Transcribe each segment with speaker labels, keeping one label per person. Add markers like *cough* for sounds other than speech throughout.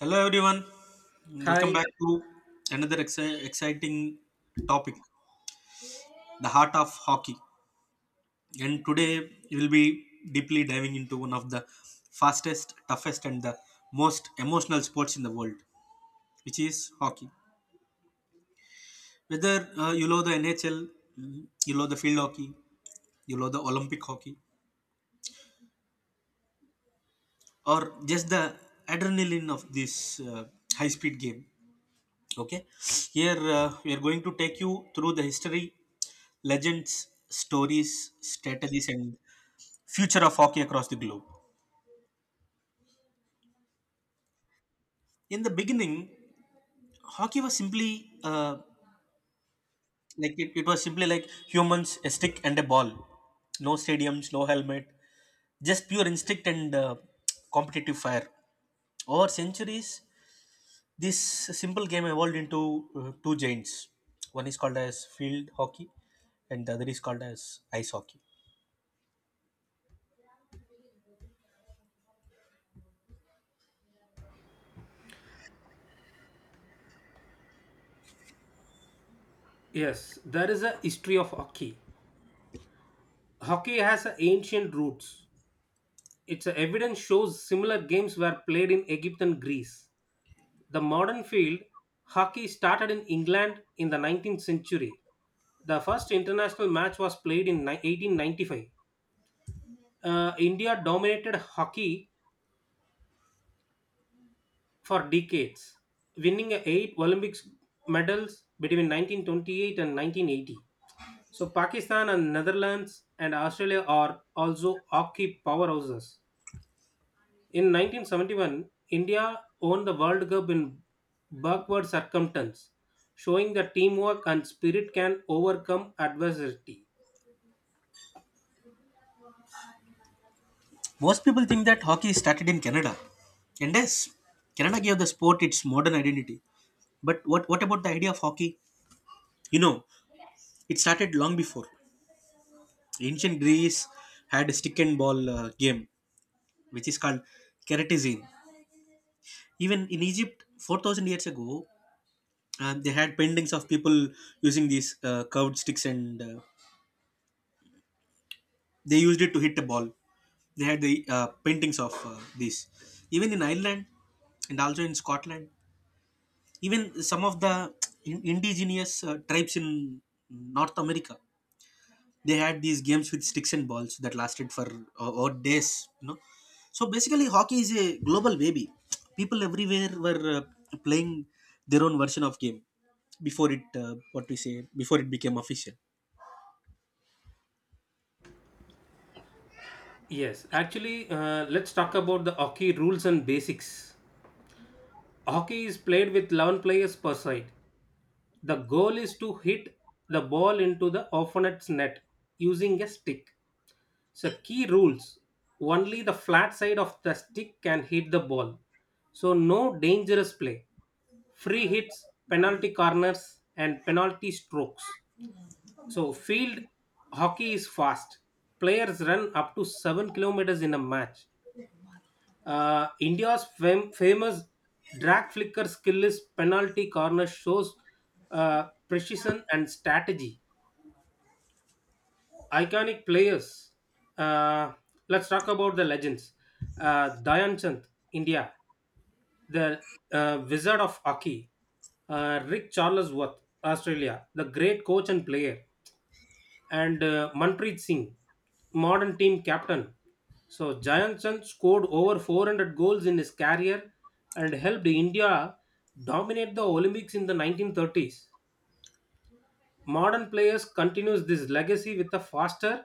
Speaker 1: Hello, everyone. Welcome back
Speaker 2: Hi.
Speaker 1: to another exciting topic, the heart of hockey. And today we'll be deeply diving into one of the fastest, toughest, and the most emotional sports in the world, which is hockey. Whether you love the NHL, you love the field hockey, you love the Olympic hockey, or just the adrenaline of this high speed game. Okay, here we are going to take you through the history legends, stories, strategies, and future of hockey across the globe. In the beginning, hockey was simply like it was simply like humans, a stick and a ball. No stadiums, no helmet, just pure instinct and competitive fire. Over centuries, this simple game evolved into two giants. One is called as field hockey, and the other is called as ice hockey.
Speaker 2: Yes, there is a history of hockey. Hockey has a ancient roots. Its evidence shows similar games were played in Egypt and Greece. The modern field, hockey started in England in the 19th century. The first international match was played in 1895. India dominated hockey for decades, winning eight Olympic medals between 1928 and 1980. So Pakistan and Netherlands and Australia are also hockey powerhouses. In 1971, India won the World Cup in backward circumstance, showing that teamwork and spirit can overcome adversity.
Speaker 1: Most people think that hockey started in Canada. And yes, Canada gave the sport its modern identity. But what about the idea of hockey? You know, it started long before. Ancient Greece had a stick and ball game, which is called keratizine. Even in Egypt, 4000 years ago, they had paintings of people using these curved sticks and they used it to hit a ball. They had the paintings of these. Even in Ireland and also in Scotland, even some of the indigenous tribes in North America, they had these games with sticks and balls that lasted for or days, you know. So basically hockey is a global baby. People everywhere were playing their own version of game before it what we say before it became official.
Speaker 2: Yes, actually, let's talk about the hockey rules and basics. Hockey is played with 11 players per side. The goal is to hit the ball into the opponent's net using a stick. So key rules: only the flat side of the stick can hit the ball. So no dangerous play, free hits, penalty corners, and penalty strokes. So field hockey is fast. Players run up to 7 kilometers in a match. India's famous drag flicker skill is penalty corner shows precision and strategy. Iconic players. Uh, let's talk about the legends. Dhyan Chand, India, the Wizard of Hockey. Rick Charlesworth, Australia, the great coach and player. And Manpreet Singh, modern team captain. So Dhyan Chand scored over 400 goals in his career and helped India dominate the Olympics in the 1930s. Modern players continues this legacy with a faster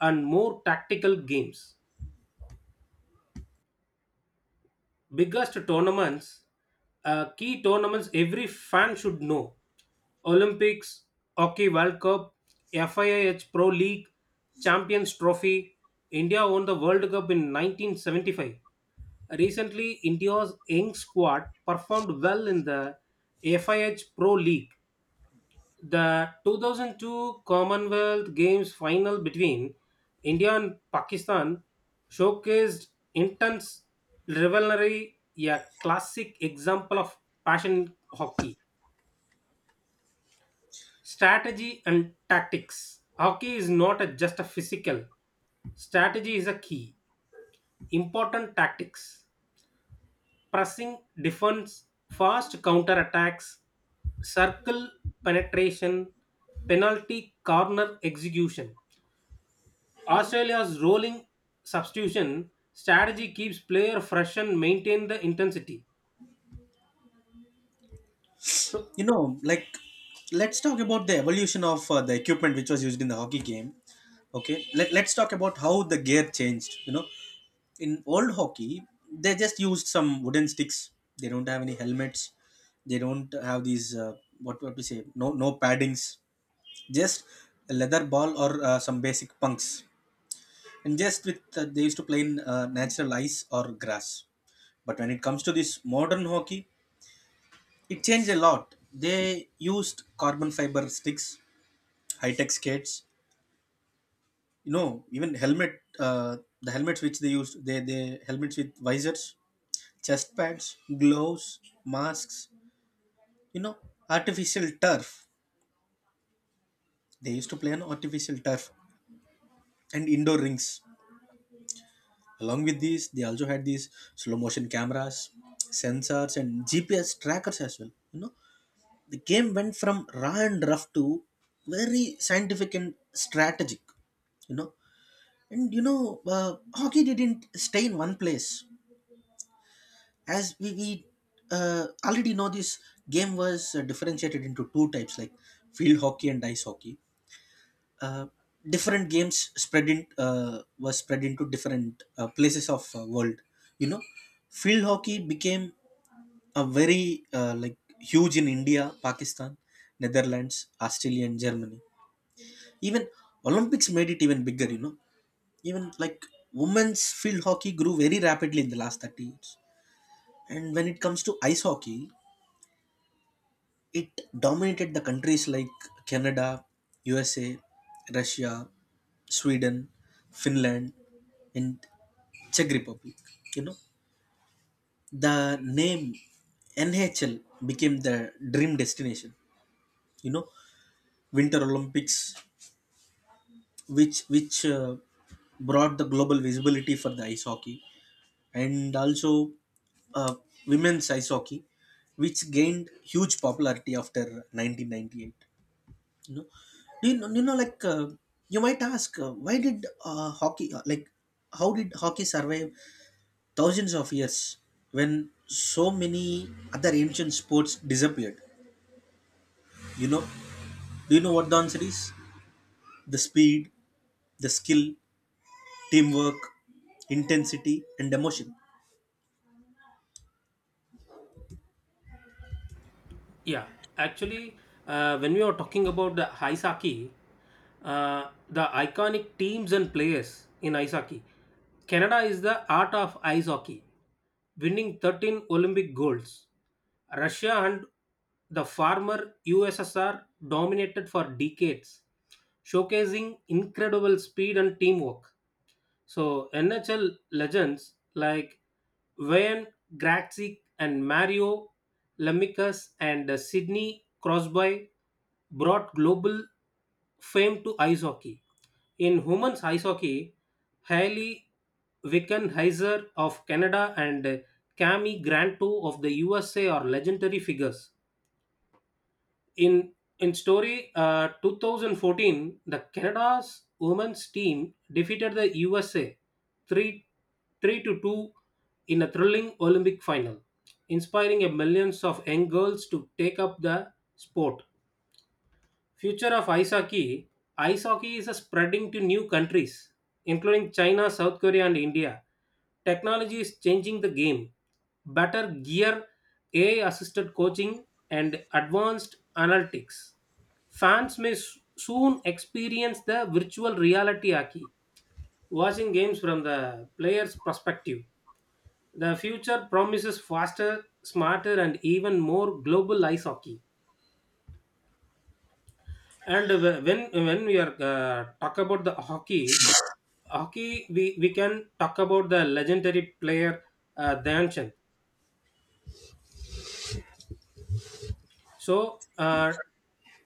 Speaker 2: and more tactical games. Biggest tournaments, key tournaments every fan should know. Olympics, Hockey World Cup, FIH Pro League, Champions Trophy. India won the World Cup in 1975. Recently, India's young squad performed well in the FIH Pro League. The 2002 Commonwealth Games final between India and Pakistan showcased intense rivalry, a classic example of passion hockey, strategy, and tactics. Hockey is not just a physical, strategy is a key. Important tactics pressing, defense, fast counter attacks, circle penetration, penalty corner execution. Australia's rolling substitution strategy keeps player fresh and maintain the intensity. So
Speaker 1: You know, like, let's talk about the evolution of the equipment which was used in the hockey game. Okay, let's talk about how the gear changed, you know. In old hockey they just used some wooden sticks. They don't have any helmets. They don't have these what to say no paddings, just a leather ball or some basic punks, and just with they used to play in natural ice or grass. But when it comes to this modern hockey, it changed a lot. They used carbon fiber sticks, high tech skates, you know, even helmet, uh, the helmets which they used, they helmets with visors, chest pads, gloves, masks, you know, artificial turf. They used to play on artificial turf and indoor rings. Along with these, they also had these slow motion cameras, sensors, and GPS trackers as well. You know, the game went from raw and rough to very scientific and strategic. You know, and hockey didn't stay in one place. As we already know, this game was differentiated into two types, like field hockey and ice hockey. uh, Different games spread in was spread into different places of world, you know. Field hockey became a very huge in India, Pakistan, Netherlands, Australia and Germany. Even Olympics made it even bigger, you know. Even like women's field hockey grew very rapidly in the last 30 years. And when it comes to ice hockey, it dominated the countries like Canada, USA, Russia, Sweden, Finland, and Czech Republic. You know, the name NHL became the dream destination. You know, Winter Olympics, which brought the global visibility for the ice hockey, and also uh, women's ice hockey, which gained huge popularity after 1998. you know you know, you know like uh, you might ask why did hockey like how did hockey survive thousands of years when so many other ancient sports disappeared, you know. Do you know what the answer is? The speed, the skill, teamwork, intensity and emotion.
Speaker 2: yeah, actually, when we are talking about the ice hockey, the iconic teams and players in ice hockey, Canada is the art of ice hockey, winning 13 Olympic golds. Russia and the former USSR dominated for decades, showcasing incredible speed and teamwork. So NHL legends like Wayne Gretzky and Mario Lemieux and Sidney Crosby brought global fame to ice hockey. In women's ice hockey, Hailey Wickenheiser of Canada and Cami Granto of the USA are legendary figures. In in story 2014, the Canada's women's team defeated the USA 3 3 to 2 in a thrilling Olympic final, inspiring a millions of young girls to take up the sport. Future of ice hockey. Ice hockey is spreading to new countries, including China, South Korea, and India. Technology is changing the game. Better gear, AI assisted coaching, and advanced analytics. Fans may soon experience the virtual reality hockey, watching games from the player's perspective. The future promises faster, smarter, and even more global ice hockey. And when we are talk about the hockey, hockey, we can talk about the legendary player Dhyan Chand. So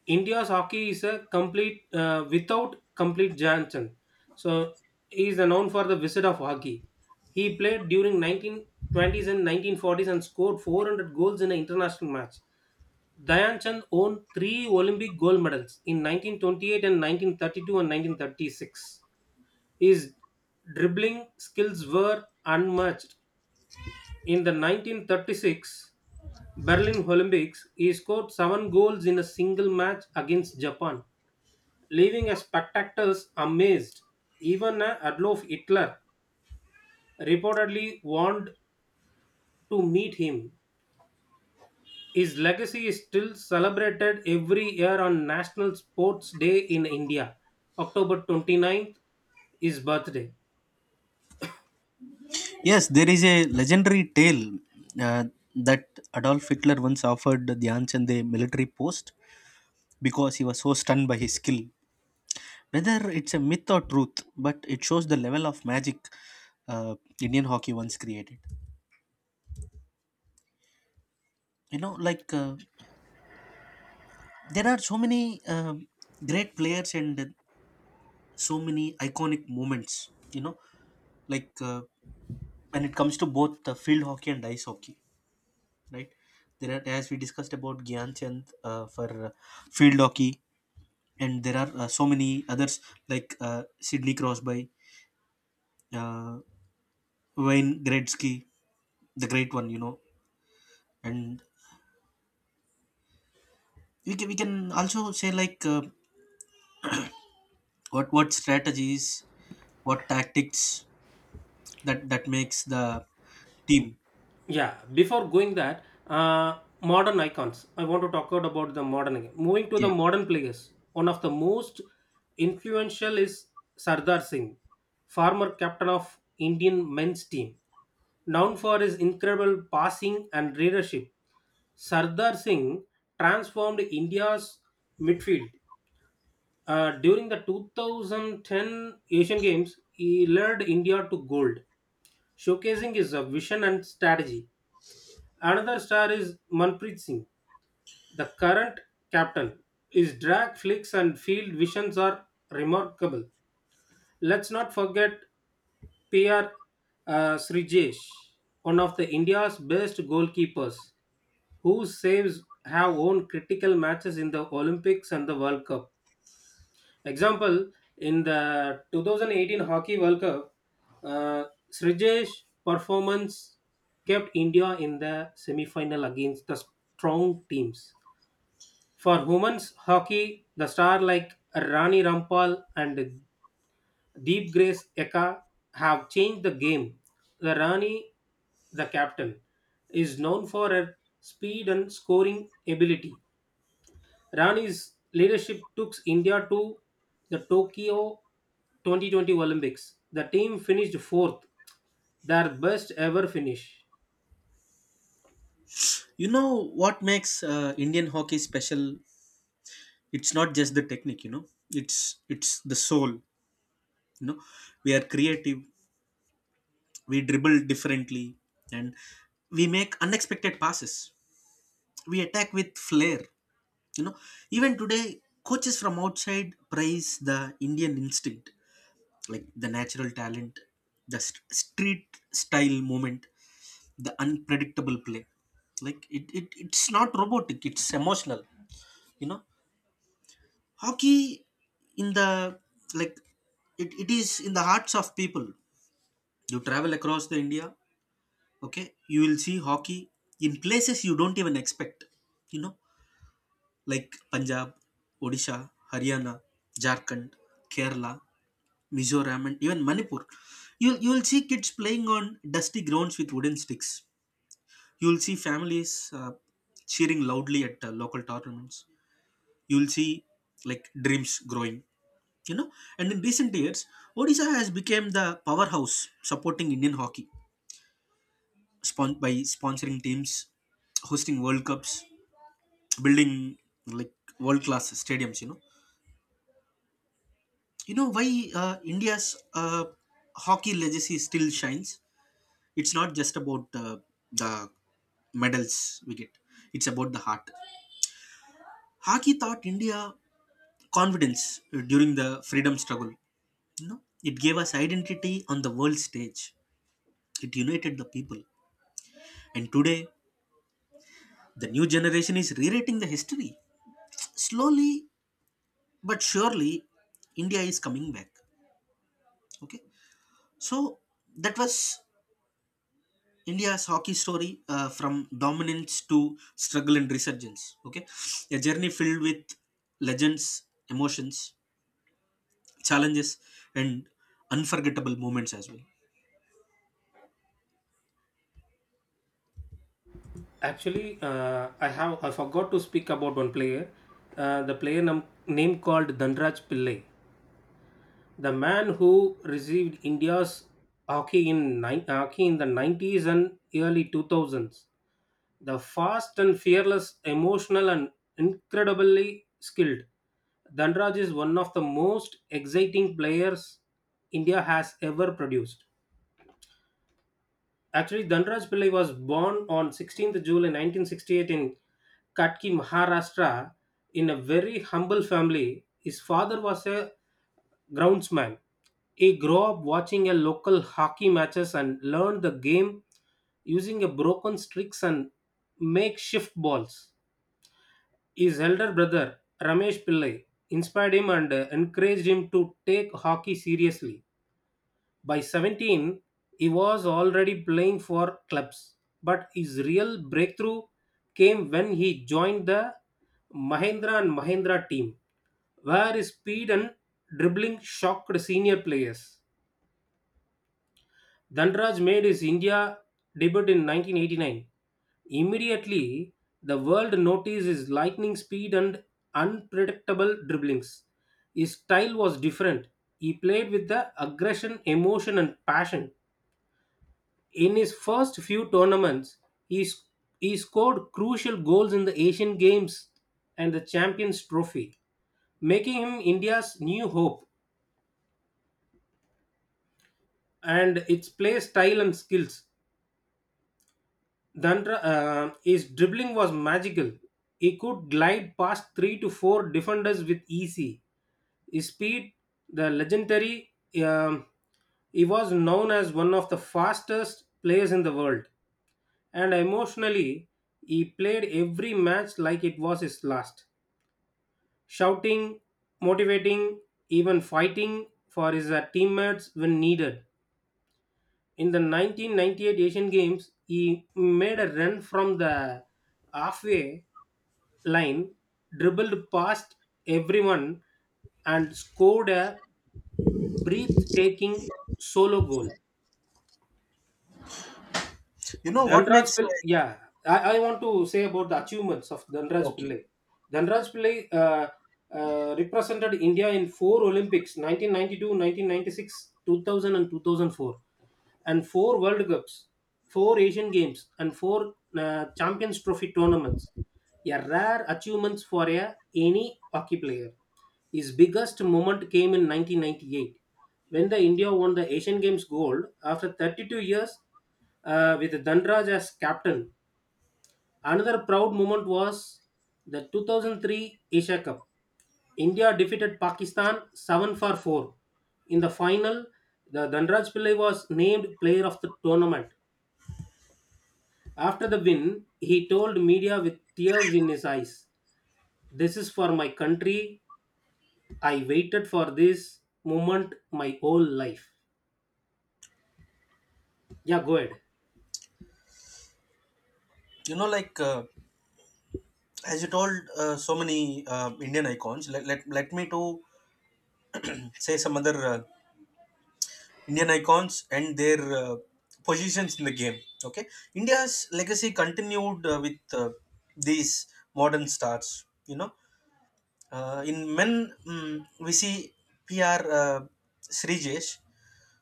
Speaker 2: India's hockey is a complete without complete Dhyan Chand. So he is known for the wizard of hockey. He played during 1920s and 1940s and scored 400 goals in an international match. Dhyan Chand won three Olympic gold medals in 1928 and 1932 and 1936. His dribbling skills were unmatched. In the 1936 Berlin Olympics, he scored seven goals in a single match against Japan, leaving us spectators amazed. Even Adolf Hitler reportedly wanted to meet him. His legacy is still celebrated every year on National Sports Day in India, October 29th, his birthday.
Speaker 1: Yes, there is a legendary tale uh, that Adolf Hitler once offered the Anshan the military post because he was so stunned by his skill. Whether it's a myth or truth, but it shows the level of magic uh, Indian hockey once created. You know, like, there are so many great players and so many iconic moments. You know, like, when it comes to both field hockey and ice hockey, right? There are, as we discussed about Gyan Chand for field hockey, and there are so many others like, Sidney Crosby, uh, Wayne Gretzky, the great one, you know, and we can also say like, what strategies, what tactics that makes the team.
Speaker 2: Yeah, before going that, modern icons. I want to talk out about the modern again. Moving to the
Speaker 1: Yeah,
Speaker 2: modern players, one of the most influential is Sardar Singh, former captain of Indian men's team, known for his incredible passing and leadership. Sardar Singh transformed India's midfield. During the 2010 Asian Games, he led India to gold, showcasing his vision and strategy. Another star is Manpreet Singh, the current captain. His drag flicks and field visions are remarkable. Let's not forget PR Srijesh, one of the India's best goalkeepers, whose saves have won critical matches in the Olympics and the World Cup. Example in the 2018 Hockey World Cup, uh, Srijesh performance kept India in the semi-final against the strong teams. For women's hockey, the stars like Rani Rampal and Deep Grace Eka have changed the game. The Rani, the captain, is known for her speed and scoring ability. Rani's leadership took India to the Tokyo 2020 Olympics. The team finished fourth, their best ever finish.
Speaker 1: you know what makes Indian hockey special? It's not just the technique, you know. it's it's the soul, you know. We are creative, we dribble differently, and we make unexpected passes. We attack with flair, you know. Even today coaches from outside praise the Indian instinct, like the natural talent, the street style moment, the unpredictable play. It's not robotic, it's emotional, you know. Hockey in the like it is in the hearts of people. You travel across the India, okay, you will see hockey in places you don't even expect, you know. Like Punjab, Odisha, Haryana, Jharkhand, Kerala, Mizoram, and even Manipur. You'll see kids playing on dusty grounds with wooden sticks. You'll see families cheering loudly at local tournaments. You'll see like dreams growing, you know. And in recent years, Odisha has become the powerhouse supporting Indian hockey, by sponsoring teams, hosting World Cups, building like world class stadiums, you know. You know why India's hockey legacy still shines? It's not just about the medals we get, it's about the heart. Hockey taught India confidence during the freedom struggle, you know. It gave us identity on the world stage, it united the people, and today the new generation is rewriting the history, slowly but surely. India is coming back, okay. So that was India's hockey story, from dominance to struggle and resurgence. Okay, a journey filled with legends, emotions, challenges, and unforgettable moments as well.
Speaker 2: Actually, I have I forgot to speak about one player, the player name called Dhanraj Pillai, the man who received India's hockey in ni- hockey in the 90s and early 2000s. The fast and fearless, emotional, and incredibly skilled, Dhanraj is one of the most exciting players India has ever produced. Actually, Dhanraj Pillai was born on 16th July 1968 in Katki, Maharashtra, in a very humble family. His father was a groundsman. He grew up watching a local hockey matches and learned the game using a broken sticks and makeshift balls. His elder brother, Ramesh Pillai, inspired him and encouraged him to take hockey seriously. By 17, he was already playing for clubs, but his real breakthrough came when he joined the Mahindra and Mahindra team, where his speed and dribbling shocked senior players. Dhanraj made his India debut in 1989. Immediately, the world noticed his lightning speed and unpredictable dribblings. His style was different. He played with the aggression, emotion, and passion. In his first few tournaments, he, sc- he scored crucial goals in the Asian Games and the Champions Trophy, making him India's new hope and its play style and skills Dandra, his dribbling was magical. He could glide past three to four defenders with easy. His speed, the legendary, um, he was known as one of the fastest players in the world. And emotionally, he played every match like it was his last, shouting, motivating, even fighting for his teammates when needed. In the 1998 Asian Games, he made a run from the halfway line, dribbled past everyone, and scored a breathtaking solo goal.
Speaker 1: You know what
Speaker 2: Dhanraj
Speaker 1: makes
Speaker 2: Pillai, yeah, I want to say about the achievements of Dhanraj
Speaker 1: Okay.
Speaker 2: Pillai. Dhanraj Pillai represented India in four Olympics 1992, 1996, 2000, and two thousand four, and four World Cups, four Asian Games, and four Champions Trophy tournaments. A rare achievements for any hockey player. His biggest moment came in 1998 when the India won the Asian Games gold after 32 years with Dhanraj as captain. Another proud moment was the 2003 Asia Cup. India defeated Pakistan 7 for 4. In the final, the Dhanraj Pillai was named player of the tournament. After the win, he told media with tears in his eyes, "This is for my country. I waited for this moment my whole life." Yeah, go ahead.
Speaker 1: You know, like, as you told, so many Indian icons. Let, let let me to say some other Indian icons and their positions in the game. Okay, India's legacy continued with these modern stars. You know, in men, we see PR, Srijesh,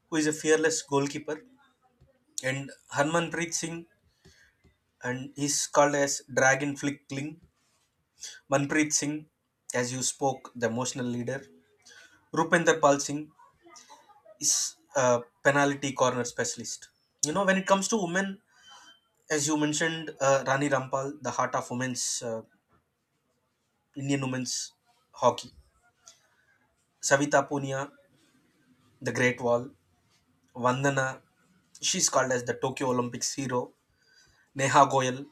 Speaker 1: who is a fearless goalkeeper, and Harmanpreet Singh, and he's called as Dragon Flickling. Manpreet Singh, as you spoke, the emotional leader. Rupinder Pal Singh is a penalty corner specialist. You know, when it comes to women, as you mentioned, Rani Rampal, the heart of women's Indian women's hockey. Savita Punia, the Great Wall. Vandana, she's called as the Tokyo Olympics hero. Neha Goyal,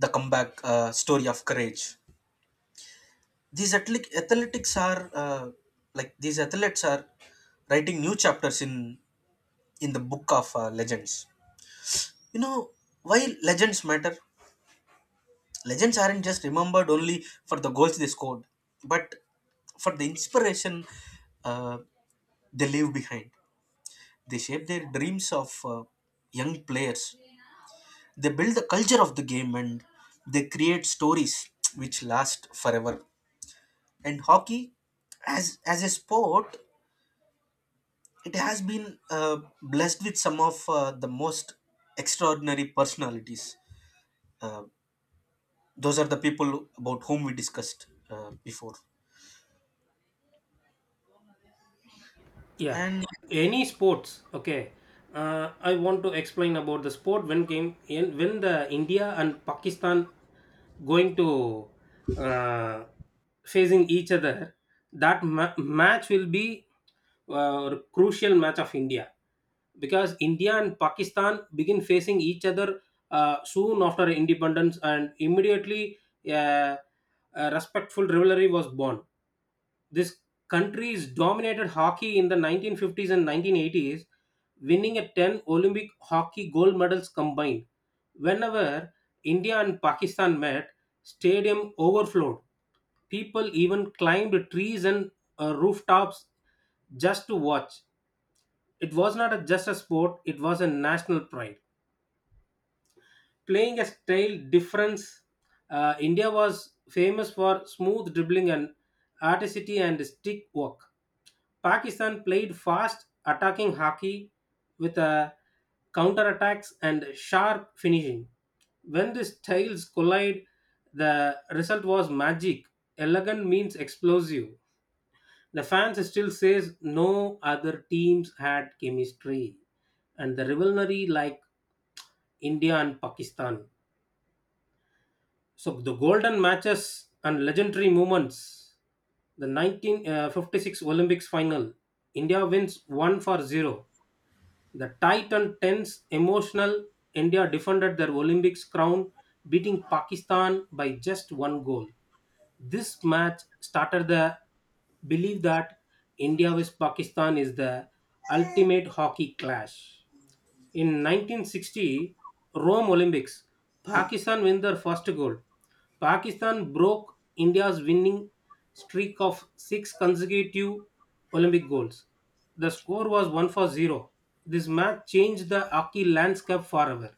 Speaker 1: the comeback story of courage. These athletic athletics are like these athletes are writing new chapters in the book of legends. You know why legends matter? Legends aren't just remembered only for the goals they scored, but for the inspiration uh, they leave behind. They shape their dreams of young players, they build the culture of the game, and they create stories which last forever. And hockey as a sport, it has been blessed with some of the most extraordinary personalities, uh, those are the people about whom we discussed before.
Speaker 2: Yeah,
Speaker 1: And
Speaker 2: any sports, okay, I want to explain about the sport when came in when the India and Pakistan going to uh, facing each other, that match will be crucial match of India because India and Pakistan begin facing each other soon after independence, and immediately uh, a respectful rivalry was born. This country's dominated hockey in the 1950s and 1980s, winning a 10 Olympic hockey gold medals combined. Whenever India and Pakistan met, stadium overflowed. People even climbed trees and rooftops just to watch. It was not just a sport, it was a national pride. Playing a style difference, India was famous for smooth dribbling and articity and stick work. Pakistan played fast attacking hockey with a counterattacks and sharp finishing. When the styles collide, the result was magic. Elegant means explosive. The fans still says no other teams had chemistry and the rivalry like India and Pakistan. So the golden matches and legendary moments. The 1956 Olympics final. India wins 1 for 0. The tight and tense emotional India defended their Olympics crown, beating Pakistan by just one goal. This match started the belief that India vs Pakistan is the ultimate hockey clash. In 1960 Rome Olympics, Pakistan win their first gold. Pakistan broke India's winning streak of six consecutive Olympic goals. The score was 1 for 0. This match changed the hockey landscape forever.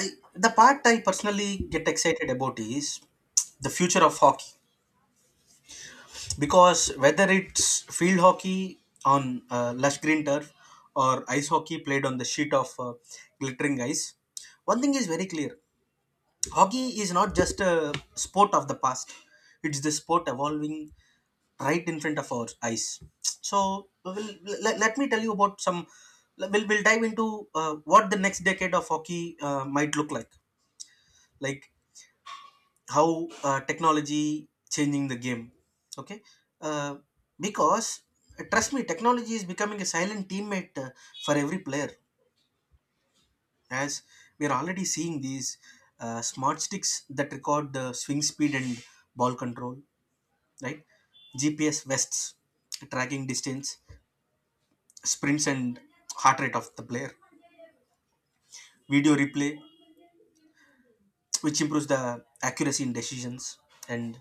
Speaker 1: I The part I personally get excited about is the future of hockey, because whether it's field hockey on lush green turf or ice hockey played on the sheet of glittering ice, one thing is very clear: hockey is not just a sport of the past, it's the sport evolving right in front of our eyes. So, we'll, let, let me tell you about some. We'll dive into what the next decade of hockey might look like. Like, how technology changing the game, okay. uh, because Trust me, technology is becoming a silent teammate for every player. As we are already seeing these smart sticks that record the swing speed and ball control, right? GPS vests tracking distance, sprints and heart rate of the player. Video replay which improves the accuracy in decisions. And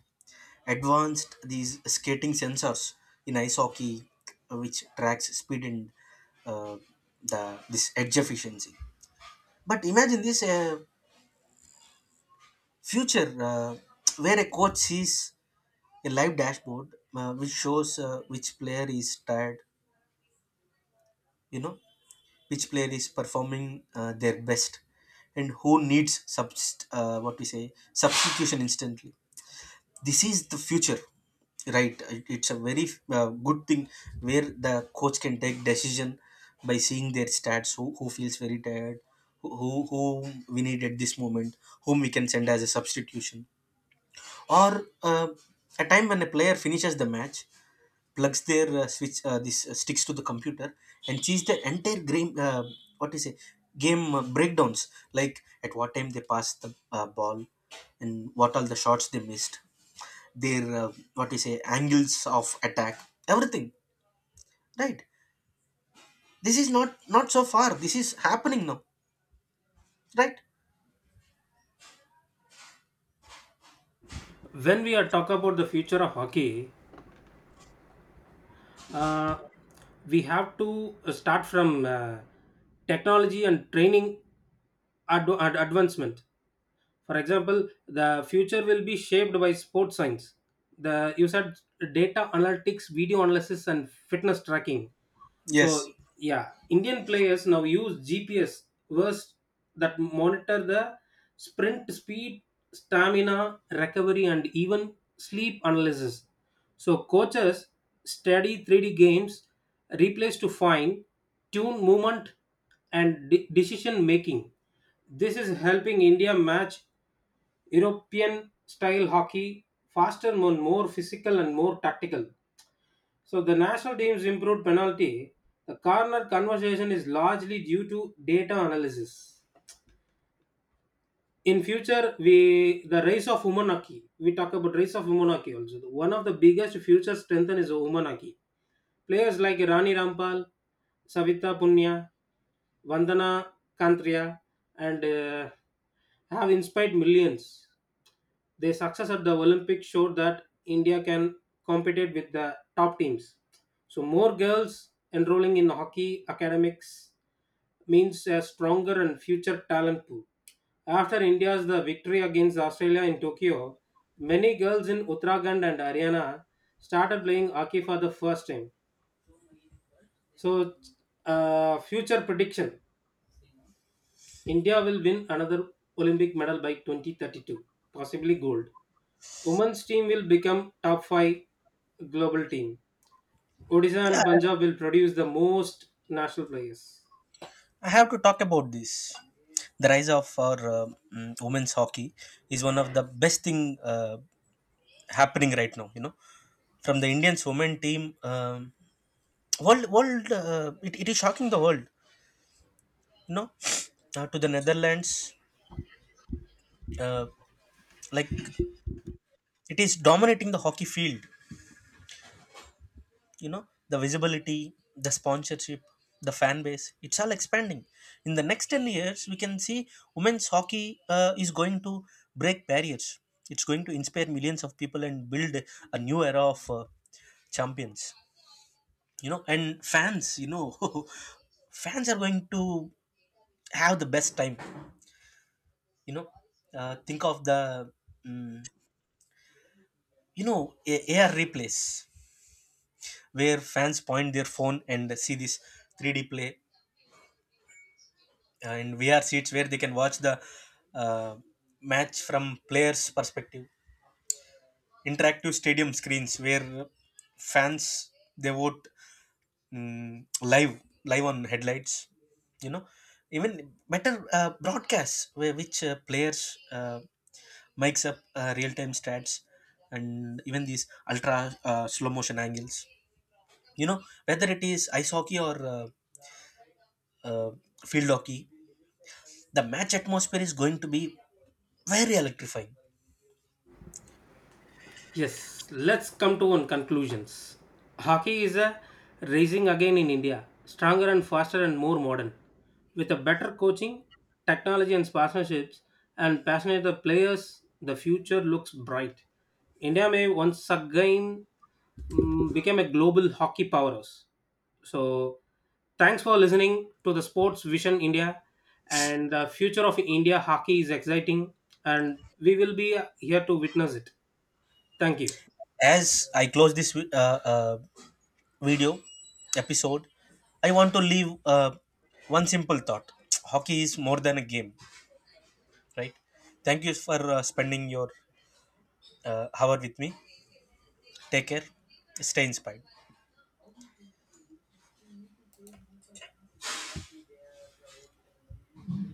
Speaker 1: advanced these skating sensors in ice hockey, which tracks speed and uh, the this edge efficiency. But imagine this, future where a coach sees a live dashboard which shows which player is tired, you know, which player is performing their best, and who needs subst- what we say substitution instantly. This is the future, right? It's a very good thing where the coach can take decision by seeing their stats, who feels very tired, who we need at this moment, whom we can send as a substitution. Or uh, a time when a player finishes the match, plugs their switch this sticks to the computer and sees the entire game, what is it game breakdowns, like at what time they passed the ball, and what all the shots they missed, their what you say angles of attack, everything, right? This is not so far, this is happening now, right?
Speaker 2: When we are talk about the future of hockey, uh, we have to start from technology and training advancement. For example, the future will be shaped by sports science. The you said data analytics, video analysis, and fitness tracking.
Speaker 1: yes
Speaker 2: So yeah, Indian players now use GPS verse that monitor the sprint speed, stamina, recovery, and even sleep analysis. So coaches study 3D games, replays to find, tune movement, and decision making. This is helping India match European style hockey, faster and more physical and more tactical. So the national team's improved penalty, the corner conversation is largely due to data analysis. In future, we the race of women hockey. We talk about race of women hockey also. One of the biggest future strengthen is women hockey. Players like Rani Rampal, Savita Punya, Vandana Kantria, and have inspired millions. Their success at the Olympics showed that India can compete with the top teams. So more girls enrolling in hockey academics means a stronger and future talent pool. After India's the victory against Australia in Tokyo, many girls in Uttarakhand and Haryana started playing hockey for the first time. So, future prediction. India will win another Olympic medal by 2032, possibly gold. Women's team will become top 5 global team. Odisha
Speaker 1: Yeah,
Speaker 2: and Punjab will produce the most national players.
Speaker 1: I have to talk about this. The rise of our women's hockey is one of the best thing uh, happening right now. You know, from the Indians women team, um, it, it is shocking the world. You know, *sniffs* to the Netherlands, uh, like it is dominating the hockey field. You know, the visibility, the sponsorship, the fan base, it's all expanding. In the next 10 years we can see women's hockey is going to break barriers. It's going to inspire millions of people and build a new era of champions, you know. And fans, you know, *laughs* fans are going to have the best time, you know. Think of the mm, you know, AR replays where fans point their phone and see this 3D play, and VR seats where they can watch the uh, match from players' perspective. Interactive stadium screens where fans they vote, live on headlights. You know, even better broadcasts where which players makes up real time stats, and even these ultra slow motion angles. You know, whether it is ice hockey or uh, field hockey, the match atmosphere is going to be very electrifying.
Speaker 2: Yes, let's come to one conclusions. Hockey is a rising again in India, stronger and faster and more modern. With a better coaching, technology and partnerships and passionate the players, the future looks bright. India may once again become a global hockey powerhouse. So, thanks for listening to the Sports Vision India. And the future of India hockey is exciting, and we will be here to witness it. Thank you.
Speaker 1: As I close this video episode, I want to leave one simple thought. Hockey is more than a game, right? Thank you for spending your hour with me. Take care. Stay inspired.